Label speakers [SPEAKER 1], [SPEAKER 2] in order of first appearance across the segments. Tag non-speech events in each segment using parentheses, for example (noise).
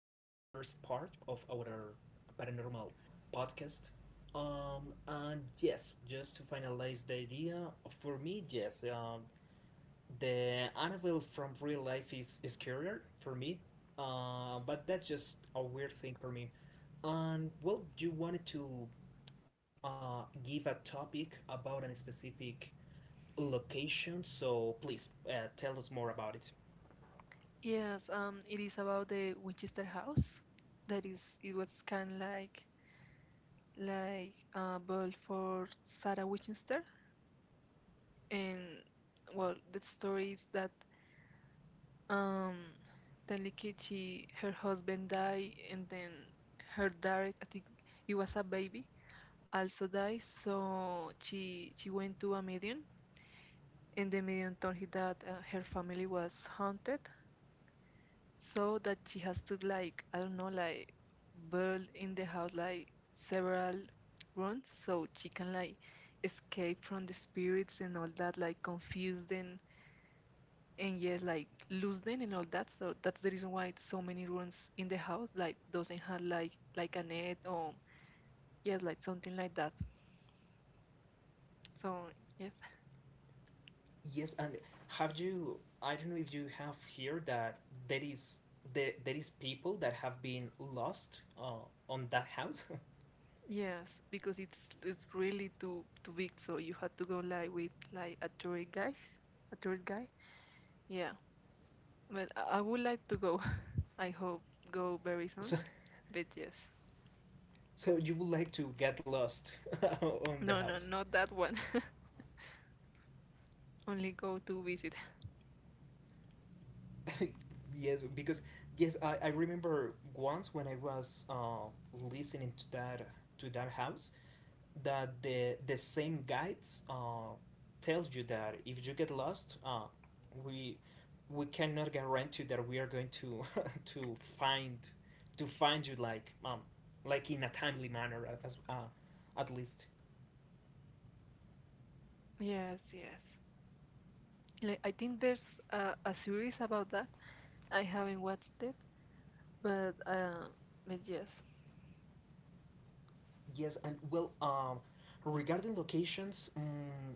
[SPEAKER 1] first part of our paranormal podcast. And yes, just to finalize the idea, for me, yes, the Annabelle from real life is scarier for me. But that's just a weird thing for me. And well, you wanted to give a topic about a specific location. So please tell us more about it.
[SPEAKER 2] Yes, it is about the Winchester House. That is, it was kind of like a ball for Sarah Winchester, and well, the story is that um, Tanlikichi, her husband died, and then her daughter, I think it was a baby, also died. So she went to a medium, and the medium told her that her family was haunted, so that she has to, like, I don't know, like build in the house like several rooms so she can, like, escape from the spirits and all that, like confused, and yes, like lose them and all that, so that's the reason why so many rooms in the house like doesn't have like a net, or, yes, like something like that. So yes.
[SPEAKER 1] Yes, and have you? I don't know if you have here that there is there is people that have been lost on that house.
[SPEAKER 2] Yes, because it's really too big, so you have to go like with like a tour guide, yeah. Well, I would like to go. (laughs) I hope go very
[SPEAKER 1] (laughs)
[SPEAKER 2] soon.
[SPEAKER 1] so
[SPEAKER 2] But yes.
[SPEAKER 1] so you would like to get lost (laughs) on the
[SPEAKER 2] No, no,
[SPEAKER 1] house.
[SPEAKER 2] not that one. (laughs) Only go to visit.
[SPEAKER 1] (laughs) Yes, because yes, I remember once when I was listening to that house, that the same guide uh, tells you that if you get lost, we we cannot guarantee that we are going to (laughs) to find to find you like in a timely manner as at least.
[SPEAKER 2] Yes, yes. Like, I think there's a series about that. I haven't watched it, but uh, but yes.
[SPEAKER 1] Yes and well Regarding locations,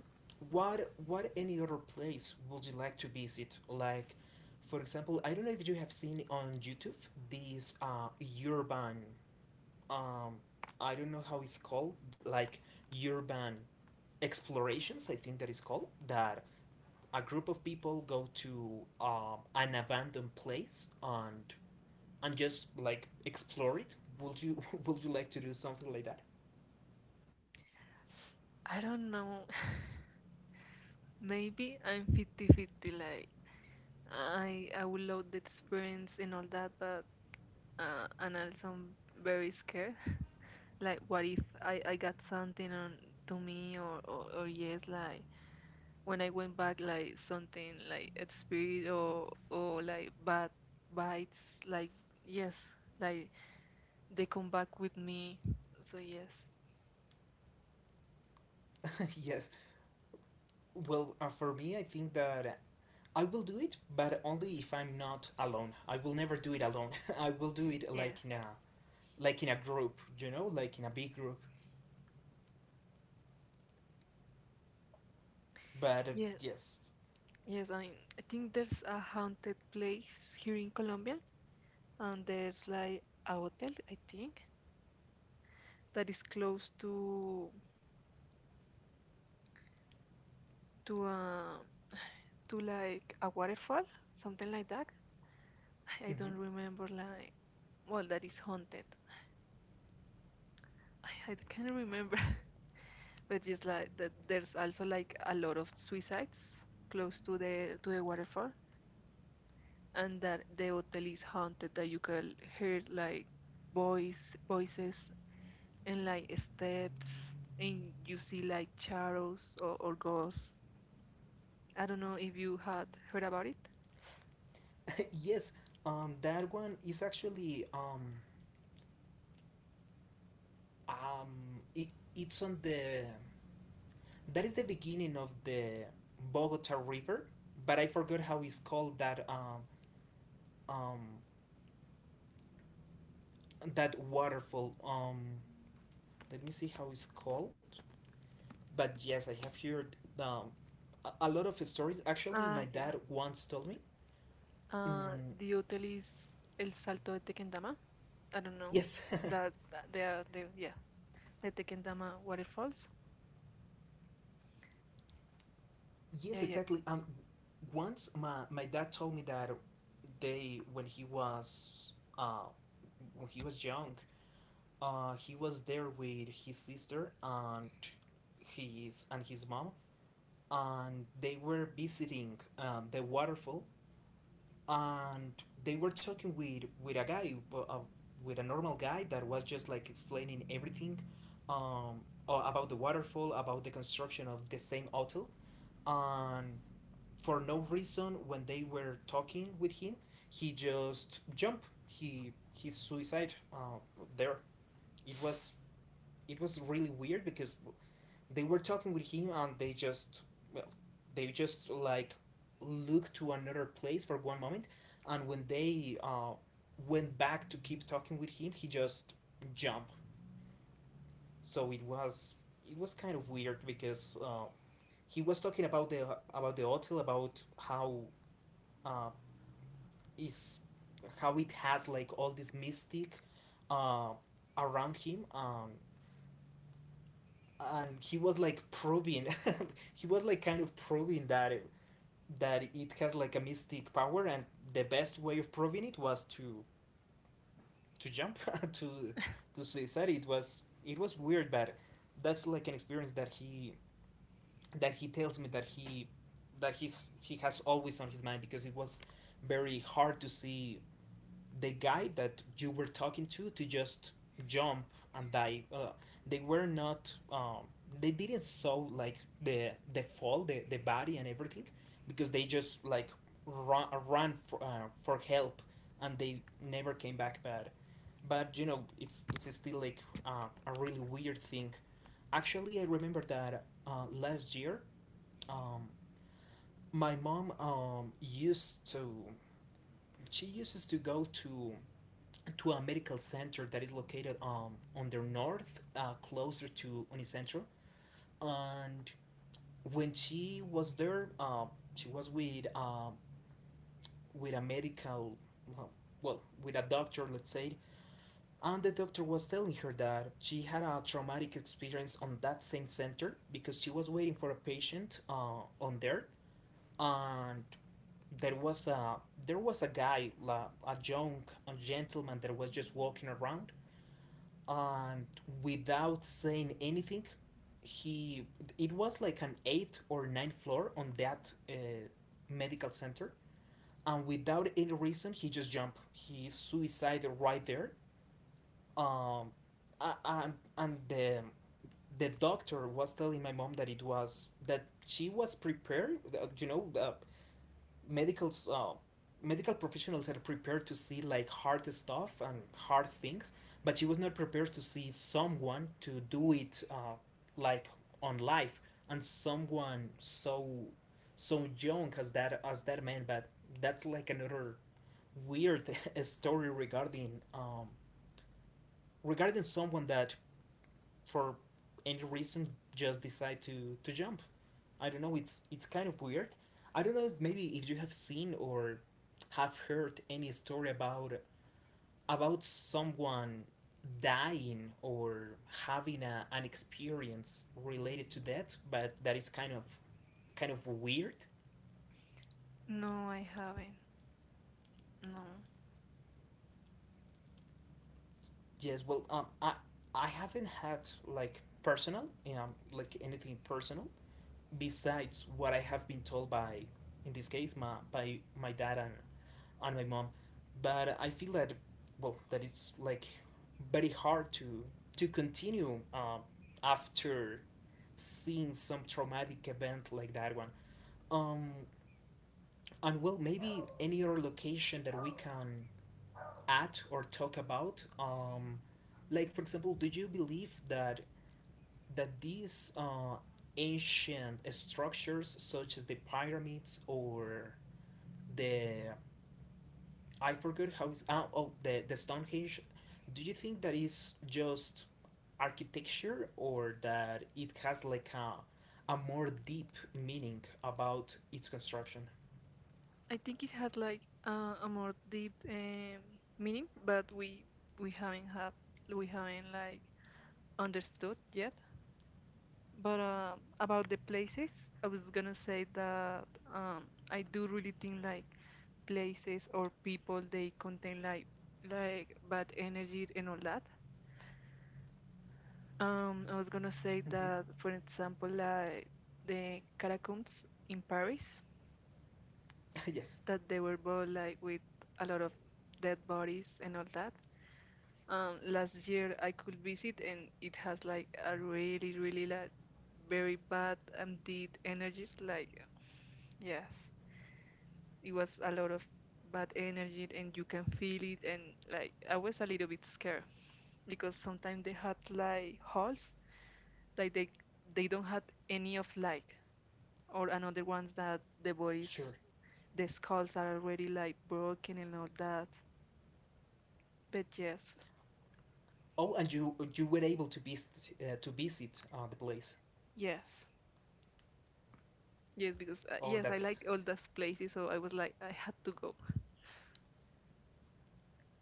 [SPEAKER 1] what any other place would you like to visit? Like for example, I don't know if you have seen on YouTube these urban um, I don't know how it's called, like urban explorations, I think that is called, that a group of people go to an abandoned place and just like explore it. Would you (laughs) would you like to do something like that?
[SPEAKER 2] I don't know. (laughs) Maybe I'm fifty-fifty. Like I would love the experience and all that, but and also I'm very scared. (laughs) Like what if I got something on to me, or yes, like when I went back, like something like a spirit, or like bad bites, like, yes, like they come back with me. So yes.
[SPEAKER 1] (laughs) Yes. Well, for me, I think that I will do it, but only if I'm not alone. I will never do it alone. (laughs) I will do it
[SPEAKER 2] Yes.
[SPEAKER 1] like in a group, you know, like in a big group. But
[SPEAKER 2] Yeah,
[SPEAKER 1] yes.
[SPEAKER 2] yes. I mean, I think there's a haunted place here in Colombia, and there's like a hotel, I think, that is close to (sighs) to like a waterfall, something like that. (sighs) (laughs) I
[SPEAKER 1] Mm-hmm.
[SPEAKER 2] don't remember, like, well, that is haunted. (sighs) (laughs) I can't remember. (laughs) But it's like that there's also like a lot of suicides close to the waterfall, and that the hotel is haunted. That you can hear like voices and like steps, and you see like shadows, or ghosts. I don't know if you had heard about it.
[SPEAKER 1] Yes, that one is actually um, it, it's on the that is the beginning of the Bogota River, but I forgot how it's called that um, that waterfall. Let me see how it's called. But yes, I have heard, a lot of stories. Actually, my
[SPEAKER 2] Ah,
[SPEAKER 1] dad
[SPEAKER 2] yeah.
[SPEAKER 1] once told me.
[SPEAKER 2] Uh,
[SPEAKER 1] Mm,
[SPEAKER 2] the hotel is El Salto de Tequendama. I don't know.
[SPEAKER 1] yes, (laughs)
[SPEAKER 2] That they are the, yeah, the Tequendama waterfalls. Yeah,
[SPEAKER 1] yes,
[SPEAKER 2] yeah.
[SPEAKER 1] exactly. And once my, my dad told me that they when he was young, he was there with his sister and his mom and they were visiting, the waterfall and they were talking with a guy, with a normal guy that was just like explaining everything, um, about the waterfall, about the construction of the same hotel, and for no reason when they were talking with him he just jumped, he his suicide there. It was it was really weird because they were talking with him and they just well they just like looked to another place for one moment, and when they went back to keep talking with him he just jumped. So it was kind of weird because he was talking about the hotel, about how uh, is how it has like all this mystic uh, around him, and he was like proving (laughs) he was like kind of proving that it has like a mystic power, and the best way of proving it was to jump (laughs) to to suicide. It was it was weird, but that's like an experience that he tells me that he's he has always on his mind because it was very hard to see the guy that you were talking to just jump and die. They were not. They didn't saw like the fall, the body and everything, because they just like run for help, and they never came back. But you know it's still like a really weird thing. Actually, I remember that last year, um, my mom used to she uses to go to a medical center that is located, on the north, closer to Unicentro. And when she was there, she was with a medical, well, well, with a doctor, let's say. And the doctor was telling her that she had a traumatic experience on that same center because she was waiting for a patient on there, and there was a there was a guy, la- a young gentleman that was just walking around, and without saying anything he it was like an eighth or ninth floor on that medical center, and without any reason he just jumped, he suicided right there. Um a- and, and the doctor was telling my mom that it was that she was prepared, you know, medical uh, medical professionals are prepared to see like hard stuff and hard things, but she was not prepared to see someone to do it like on life, and someone so so young as that man. But that's like another weird (laughs) story regarding, regarding someone that for any reason just decide to jump. I don't know. It's kind of weird. I don't know if maybe if you have seen or have heard any story about someone dying or having an experience related to that, but that is kind of weird.
[SPEAKER 2] No, I haven't. No.
[SPEAKER 1] Yes, well, I haven't had like personal, like anything personal besides what I have been told by, in this case, my by my dad and on my mom, but I feel that well that it's like very hard to continue, after seeing some traumatic event like that one. Um and well, maybe any other location that we can add or talk about. Like for example, do you believe that these ancient structures such as the pyramids or the I forgot how it's oh, oh the Stonehenge. Do you think that is just architecture or that it has like a more deep meaning about its construction?
[SPEAKER 2] I think it has like a more deep meaning, but we haven't have we haven't like understood yet. But about the places, I was gonna say that I do really think like places or people they contain like bad energy and all that. I was gonna say
[SPEAKER 1] Hmm.
[SPEAKER 2] that, for example, like the catacombs in Paris,
[SPEAKER 1] (laughs) Yes.
[SPEAKER 2] that they were both like with a lot of dead bodies and all that. Last year I could visit, and it has like a really, really like very bad, deep energies. Like, yes, it was a lot of bad energy, and you can feel it. And like I was a little bit scared because sometimes they had like holes, like they don't have any of light, or another ones that the bodies,
[SPEAKER 1] Sure.
[SPEAKER 2] the skulls are already like broken and all that. But yes.
[SPEAKER 1] Oh, and you were able to visit the place.
[SPEAKER 2] Yes. Yes, because
[SPEAKER 1] Oh,
[SPEAKER 2] yes, I
[SPEAKER 1] that's
[SPEAKER 2] like all those places, so I was like, I had to go.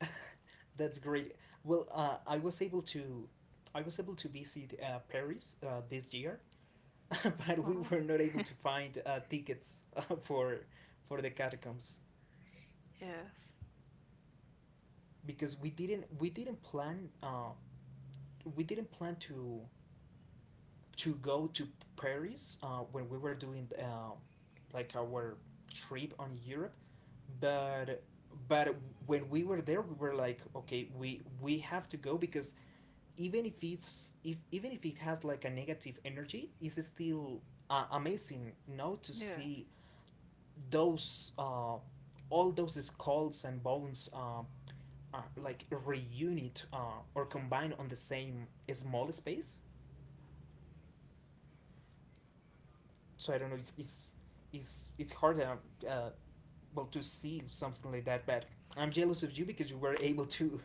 [SPEAKER 1] (laughs) that's great. Well, I was able to I was able to visit Paris this year, (laughs) but we
[SPEAKER 2] Oh,
[SPEAKER 1] were not able to find tickets for the catacombs
[SPEAKER 2] yes,
[SPEAKER 1] because we didn't plan to go to Paris when we were doing, like our trip on Europe. but but when we were there we were like okay we have to go because even if it's if even if it has like a negative energy it's still amazing now to
[SPEAKER 2] yes,
[SPEAKER 1] see those all those skulls and bones are like reunite or combine on the same small space. So I don't know. It's it's hard, uh, well, to see something like that. But I'm jealous of you because you were able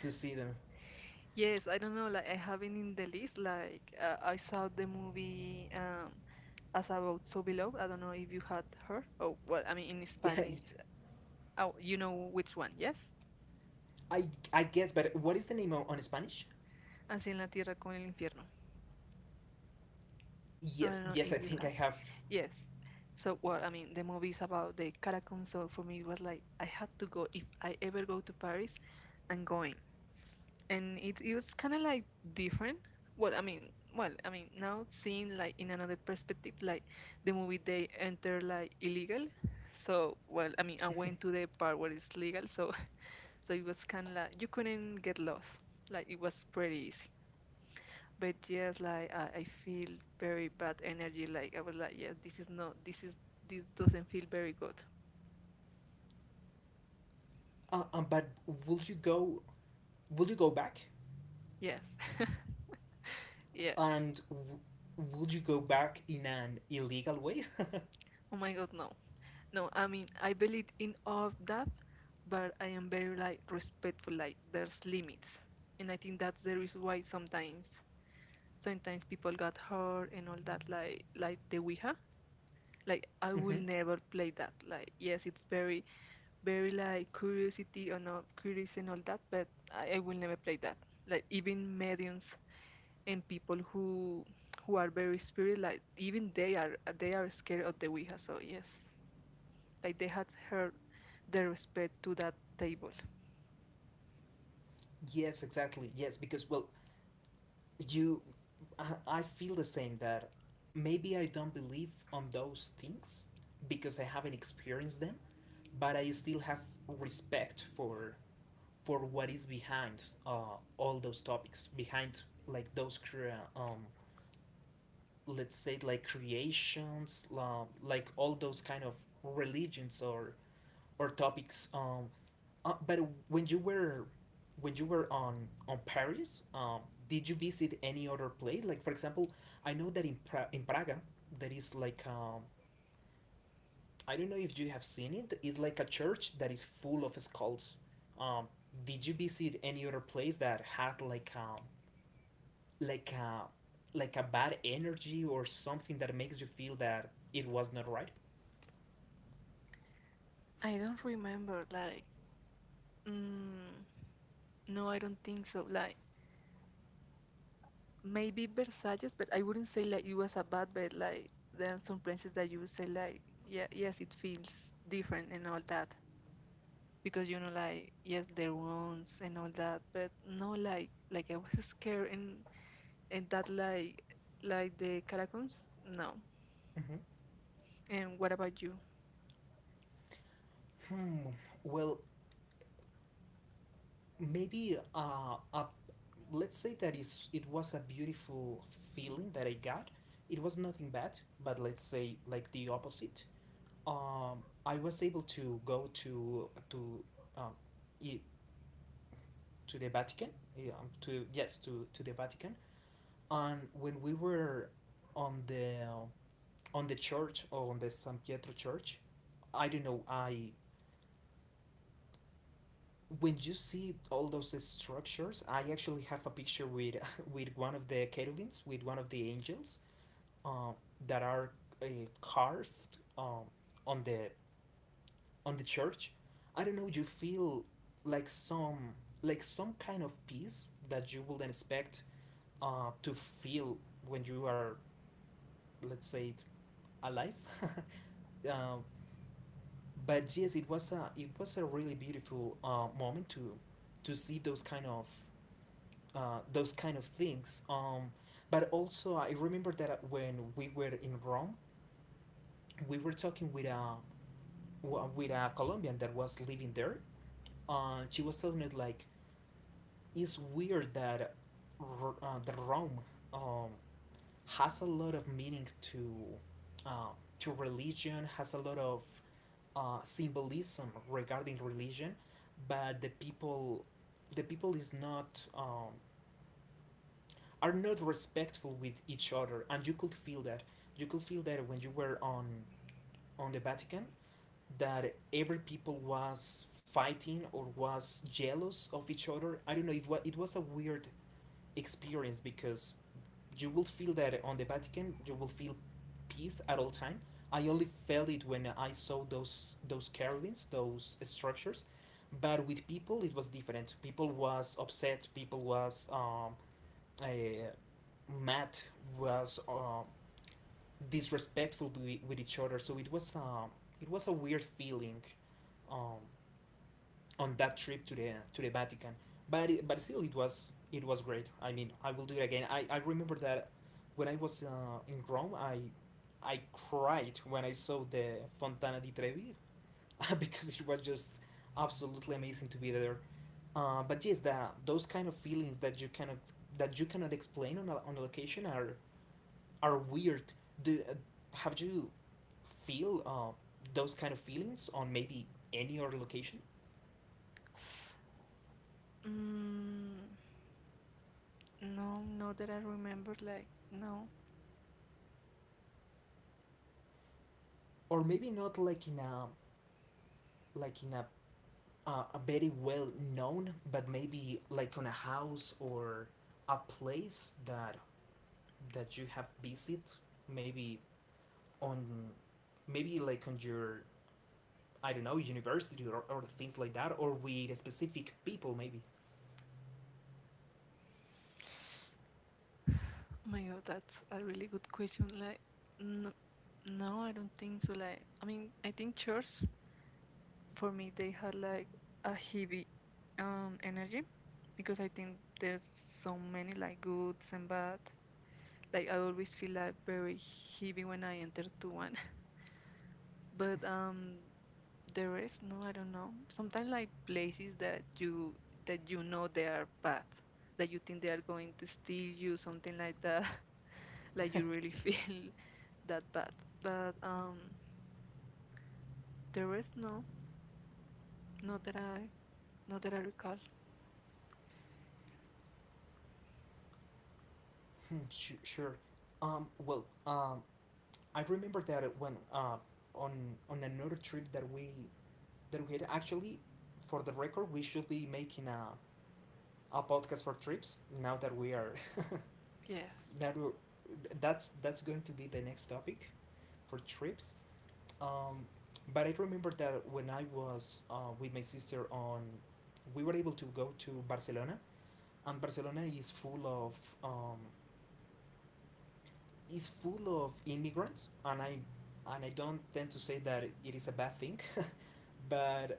[SPEAKER 1] to see them. (laughs)
[SPEAKER 2] yes. I don't know, like I have it in the list. Like I saw the movie, As About So Below. I don't know if you had heard. Oh, well, I mean, in
[SPEAKER 1] Yeah,
[SPEAKER 2] Spanish. Oh, you know which one? Yes.
[SPEAKER 1] I guess. But what is the name on Spanish?
[SPEAKER 2] Así en la tierra como en el infierno. I
[SPEAKER 1] Yes,
[SPEAKER 2] don't know
[SPEAKER 1] yes. I
[SPEAKER 2] if you
[SPEAKER 1] think I
[SPEAKER 2] have.
[SPEAKER 1] have.
[SPEAKER 2] Yes. So, well, I mean, the movie is about the Caracom, so for me it was like I had to go. If I ever go to Paris, I'm going. And it was kind of like different. Well, I mean, well, I mean, now seeing like in another perspective, like the movie they enter like illegal. So, well, I mean, I went to the part where it's legal, so (laughs) so it was kind of like you couldn't get lost. Like it was pretty easy. But yes, like I feel very bad energy. Like I was like, yes, this is not, this is, this doesn't feel very good.
[SPEAKER 1] But will you go? Will you go back?
[SPEAKER 2] Yes, (laughs) yes.
[SPEAKER 1] And w- would you go back in an illegal way?
[SPEAKER 2] Oh my God, no. No, I mean, I believe in all of that, but I am very like respectful, like there's limits. And I think that's the reason why sometimes people got hurt and all that, like the Ouija. Like I
[SPEAKER 1] (laughs)
[SPEAKER 2] will
[SPEAKER 1] Hmm.
[SPEAKER 2] never play that. Like, yes, it's very, very like curiosity or not, curious and all that, but I will never play that. Like even mediums and people who are very spirit, like even they are scared of the Ouija, so yes, like they had her their respect to that table.
[SPEAKER 1] Yes, exactly. Yes, because, well, you. I feel the same that maybe I don't believe on those things because I haven't experienced them, but I still have respect for what is behind, all those topics, behind like those let's say like creations, like all those kind of religions or topics. But when you were when you were on Paris, did you visit any other place? Like for example, I know that in in Praga there is like, I don't know if you have seen it. It's like a church that is full of skulls. Um, did you visit any other place that had like like a like a bad energy or something that makes you feel that it was not right?
[SPEAKER 2] I don't remember, like, mm, no, I don't think so. Like maybe Versalles, but I wouldn't say like it was a bad, but like there are some places that you would say like, yeah, yes, it feels different and all that because you know, like, yes, their wounds and all that, but no, like I was (laughs) scared, and that like the catacombs, no.
[SPEAKER 1] Hmm.
[SPEAKER 2] And what about you?
[SPEAKER 1] Hmm. Well, maybe let's say that is it was a beautiful feeling that I got. It was nothing bad, but let's say like the opposite. I was able to go to um, i- to the Vatican. Yeah, to yes, to the Vatican. And when we were on the on the church or on the San Pietro church, I don't know. I when you see all those structures, I actually have a picture with (laughs) with one of the cherubims, with one of the angels, uh, that are uh, carved, on the on the church. I don't know. You feel like some like some kind of peace that you wouldn't expect to feel when you are, let's say, alive. (laughs) uh, but yes, it was a really beautiful moment to see those kind of things. But also, I remember that when we were in Rome, we were talking with a Colombian that was living there. She was telling us like it's weird that that Rome um, has a lot of meaning uh, to religion, has a lot of symbolism regarding religion, but the people is not, are not respectful with each other, and you could feel that, you could feel that when you were on the Vatican, that every people was fighting or was jealous of each other. I don't know if was it was a weird experience, because you will feel that on the Vatican you will feel peace at all time. I only felt it when I saw those carvings, those structures, but with people it was different. People was upset, people was uh, Matt was disrespectful with each other. So it was a weird feeling um, on that trip to the Vatican. But still, it was, it was great. I mean, I will do it again. I remember that when I was in Rome, I cried when I saw the Fontana di Trevi (laughs) because it was just absolutely amazing to be there. But yes, those kind of feelings that you cannot, that you cannot explain on on a location are weird. Do Have you feel those kind of feelings on maybe any other location,
[SPEAKER 2] Mm, No, no that I remember, like, no. (sighs)
[SPEAKER 1] or maybe not like in a very well known, but maybe like on a house or a place that that you have visit, maybe on, maybe like on your, I don't know, university, or things like that, or with specific people maybe.
[SPEAKER 2] Oh my God, that's a really good question. Like, no, no, I don't think so. Like, I mean, I think church for me they had like a heavy energy, because I think there's so many like goods and bad. Like I always feel like very heavy when I enter to one. (laughs) But the rest, no, I don't know. Sometimes like places that you know they are bad, that you think they are going to steal you something like that, (laughs) like you really feel (laughs) that bad, but the rest, no, not that i not that I recall.
[SPEAKER 1] Sure. Well, I remember that when on on another trip that we had, actually, for the record, we should be making a podcast for trips now that we are
[SPEAKER 2] Yes,
[SPEAKER 1] (laughs) that we're, that's going to be the next topic for trips. Um, but I remember that when I was with my sister on, we were able to go to Barcelona, and Barcelona um, is full of immigrants, and I, and I don't tend to say that it is a bad thing, (laughs) but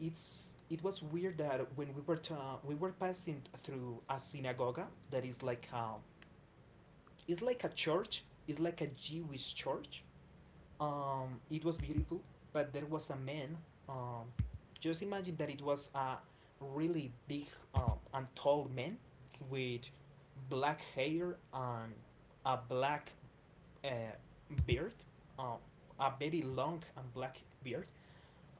[SPEAKER 1] it was weird that when we were to, we were passing through a synagogue that is like it's like a church, it's like a Jewish church. It was beautiful, but there was a man. Um, just imagine that it was a really big and tall man with black hair and a black a beard, uh, a very long and black beard,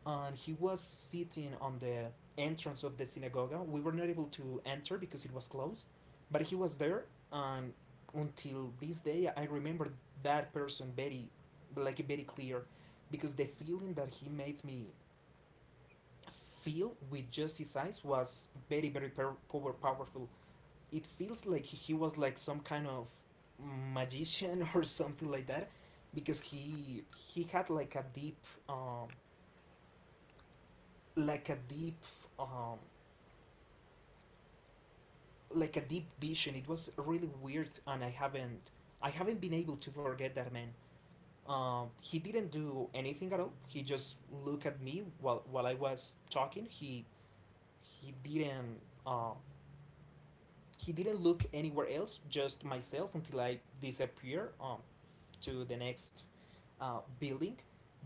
[SPEAKER 1] and he was sitting on the entrance of the synagogue. We were not able to enter because it was closed, but he was there, and until this day, I remember that person very, like very clear, because the feeling that he made me feel with just his eyes was very, very powerful. It feels like he was like some kind of magician (laughs) or something like that, because he had like a deep um like a deep um like a deep vision. It was really weird, and I haven't been able to forget that man. Um, he didn't do anything at all. He just looked at me while I was talking. He didn't um he didn't look anywhere else, just myself, until I disappear to the next building.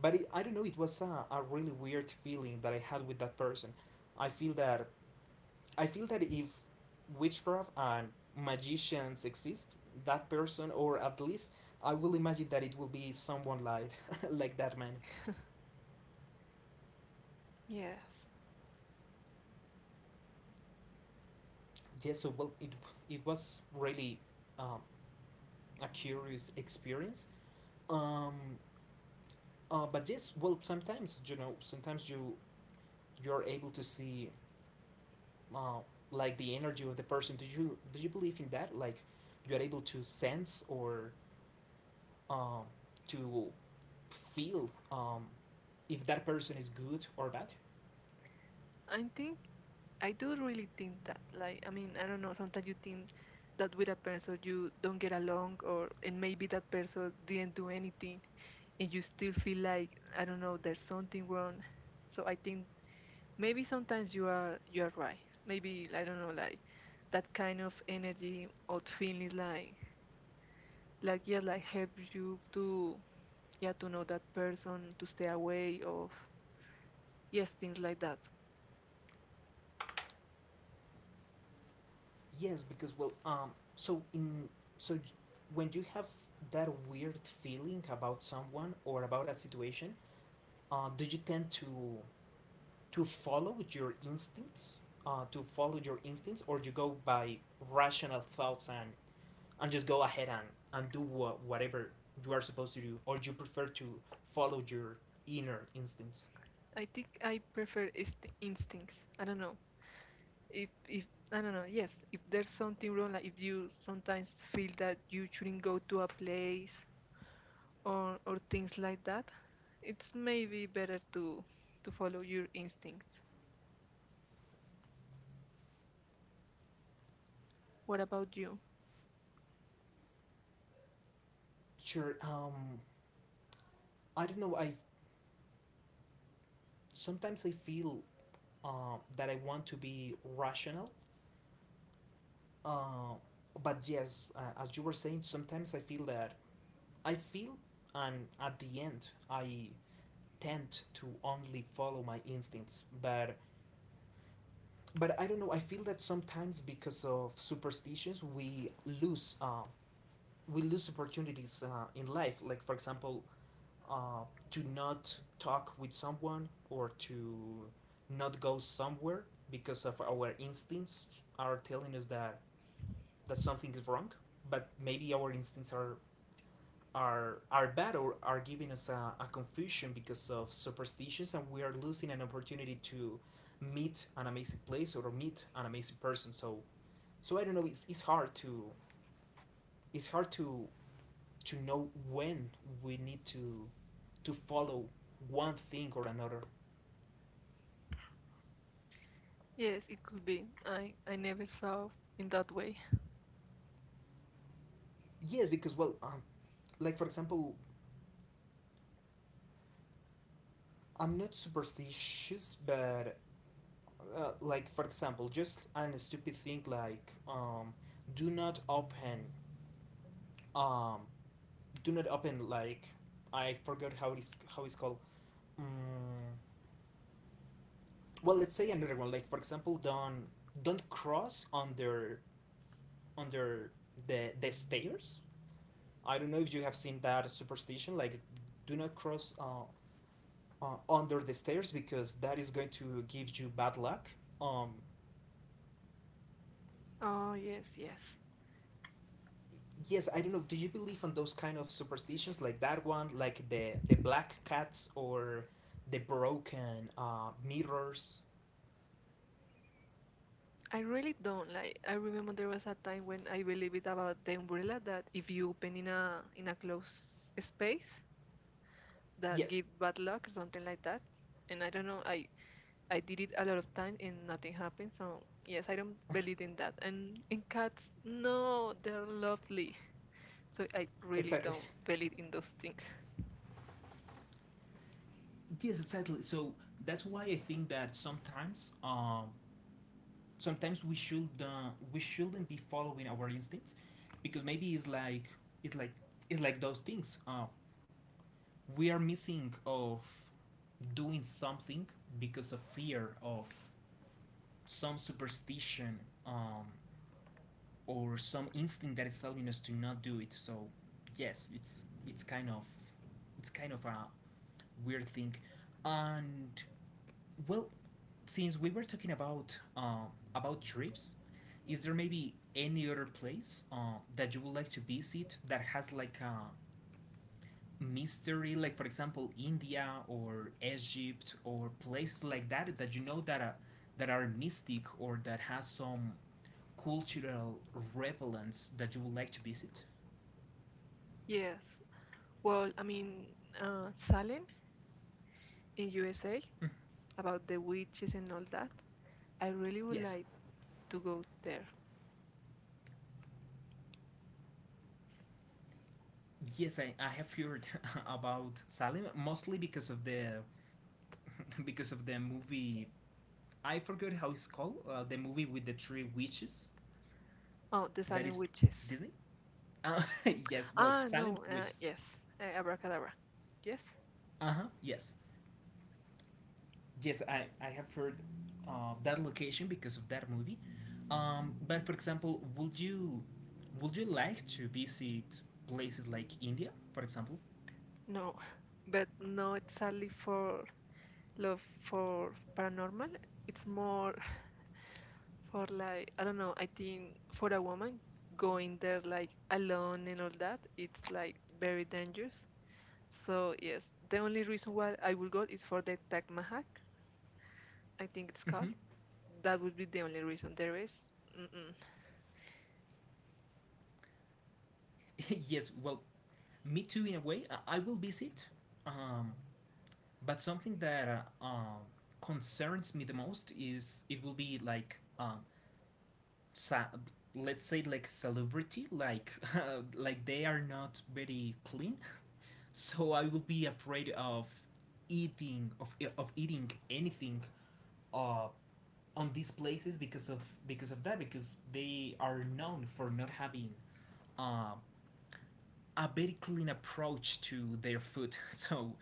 [SPEAKER 1] But it, I don't know. It was a really weird feeling that I had with that person. I feel that, I feel that if witchcraft and magicians exist, that person, or at least I will imagine that it will be someone like (laughs) like that man.
[SPEAKER 2] yes,
[SPEAKER 1] Yes. So well, it was really um, a curious experience. Um, but yes, well, sometimes, you know, sometimes you you're able to see uh, like the energy of the person. Do you believe in that? Like, you are able to sense or um, to feel if that person is good or bad?
[SPEAKER 2] i think I do really think that. Like, I mean, I don't know. Sometimes you think that with a person you don't get along, or and maybe that person didn't do anything, and you still feel like, I don't know, there's something wrong. So I think maybe sometimes you are right. Maybe, I don't know, like that kind of energy or feeling, like yeah, like help you to, yeah, to know that person, to stay away of, yes, things like that.
[SPEAKER 1] Yes, because well, so when you have that weird feeling about someone or about a situation, do you tend to follow your instincts? To follow your instincts, or you go by rational thoughts and just go ahead and do what, whatever you are supposed to do, or you prefer to follow your inner instincts?
[SPEAKER 2] I think I prefer instincts. I don't know. If I don't know, yes, if there's something wrong, like if you sometimes feel that you shouldn't go to a place or things like that, it's maybe better to follow your instincts. What about you?
[SPEAKER 1] Sure. I don't know. I sometimes i feel that I want to be rational, uh, but yes, as you were saying, sometimes I feel that I feel, and at the end I tend to only follow my instincts, but I don't know, I feel that sometimes because of superstitions lose um we lose opportunities in life. Like, for example, uh, to not talk with someone, or to not go somewhere because of our instincts are telling us that that something is wrong. But maybe our instincts are are bad, or are giving us a confusion because of superstitions, and we are losing an opportunity to meet an amazing place or meet an amazing person. So so I don't know, it's hard to, it's hard to know when we need to follow one thing or another.
[SPEAKER 2] Yes, it could be. I never saw in that way.
[SPEAKER 1] Yes, because well, like for example, I'm not superstitious, but like for example, just an stupid thing like do not open um, do not open like, I forgot how it is, how it's called. Mm, well, let's say another one. Like for example, don't cross under under the stairs. I don't know if you have seen that superstition, like, do not cross under the stairs, because that is going to give you bad luck. Um,
[SPEAKER 2] Oh, yes, yes.
[SPEAKER 1] yes, I don't know. Do you believe on those kind of superstitions like that one, like the black cats or the broken mirrors?
[SPEAKER 2] I really don't like. I remember there was a time when I believed about the umbrella that if you open in a closed space, that
[SPEAKER 1] Yes,
[SPEAKER 2] give bad luck or something like that. And I don't know. I did it a lot of time and nothing happened. So yes, I don't believe in that. And in cats, no, they're lovely. So I really
[SPEAKER 1] exactly.
[SPEAKER 2] don't
[SPEAKER 1] (laughs)
[SPEAKER 2] believe in those things. (laughs)
[SPEAKER 1] Yes, exactly. So that's why I think that sometimes sometimes we should we shouldn't be following our instincts, because maybe it's like it's like those things we are missing of doing something because of fear of some superstition, um, or some instinct that is telling us to not do it. So yes, it's kind of, it's kind of a weird thing. And well, since we were talking about trips, is there maybe any other place that you would like to visit that has like a mystery, like for example India or Egypt, or places like that, that you know that are mystic, or that has some cultural relevance that you would like to visit?
[SPEAKER 2] Yes. Well, I mean, Salem in USA,
[SPEAKER 1] Mm.
[SPEAKER 2] about the witches and all that. I really would
[SPEAKER 1] Yes.
[SPEAKER 2] like to go there.
[SPEAKER 1] Yes, I have heard (laughs) about Salem, mostly because of the (laughs) because of the movie. I forgot how it's called. The movie with the three witches
[SPEAKER 2] Oh, the
[SPEAKER 1] that
[SPEAKER 2] Salem
[SPEAKER 1] is
[SPEAKER 2] witches.
[SPEAKER 1] Disney. Uh, (laughs) yes, well,
[SPEAKER 2] Ah, no.
[SPEAKER 1] Salem
[SPEAKER 2] Uh,
[SPEAKER 1] witches.
[SPEAKER 2] yes, uh, abracadabra. Yes.
[SPEAKER 1] Uh huh. Yes, yes. I have heard that location because of that movie. But for example, would you like to visit places like India, for example?
[SPEAKER 2] No, (laughs) but no exactly for love for paranormal. It's more for, like, I don't know, I think for a woman going there like alone and all that, it's like very dangerous. So yes, the only reason why I will go is for the Taj Mahal. I think it's
[SPEAKER 1] Mm-hmm.
[SPEAKER 2] called. That would be the only reason there is. Mm-mm.
[SPEAKER 1] (laughs) Yes. Well, me too. In a way, I will visit. Um, but something that uh, um, concerns me the most is, it will be like sa- let's say like celebrity, like (laughs) like they are not very clean, so I will be afraid of eating, of eating anything uh on these places because of, because of that, because they are known for not having uh, a very clean approach to their food. (laughs) So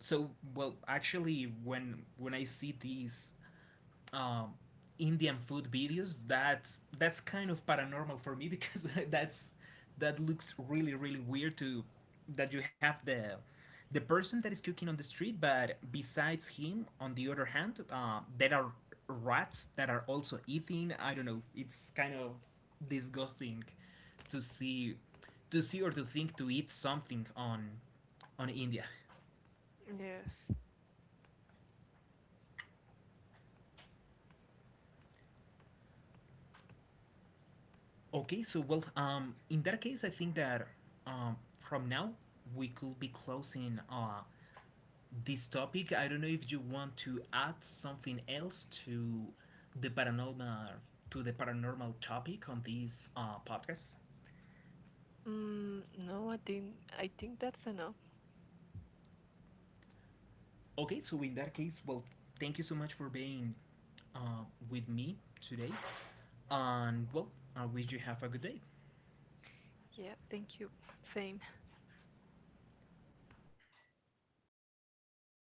[SPEAKER 1] so well, actually, when I see these um, Indian food videos, that, that's kind of paranormal for me, because (laughs) that's, that looks really really weird to, that you have the person that is cooking on the street, but besides him, on the other hand, there are rats that are also eating. I don't know. It's kind of disgusting to see, to see or to think to eat something on India. (laughs)
[SPEAKER 2] Yes.
[SPEAKER 1] Okay, so well, in that case, I think that from now we could be closing this topic. I don't know if you want to add something else to the paranormal, to the paranormal topic on this podcast.
[SPEAKER 2] No, I think that's enough.
[SPEAKER 1] Okay, so in that case, well, thank you so much for being uh, with me today, and well, I wish you have a good day.
[SPEAKER 2] Yeah, thank you. Same.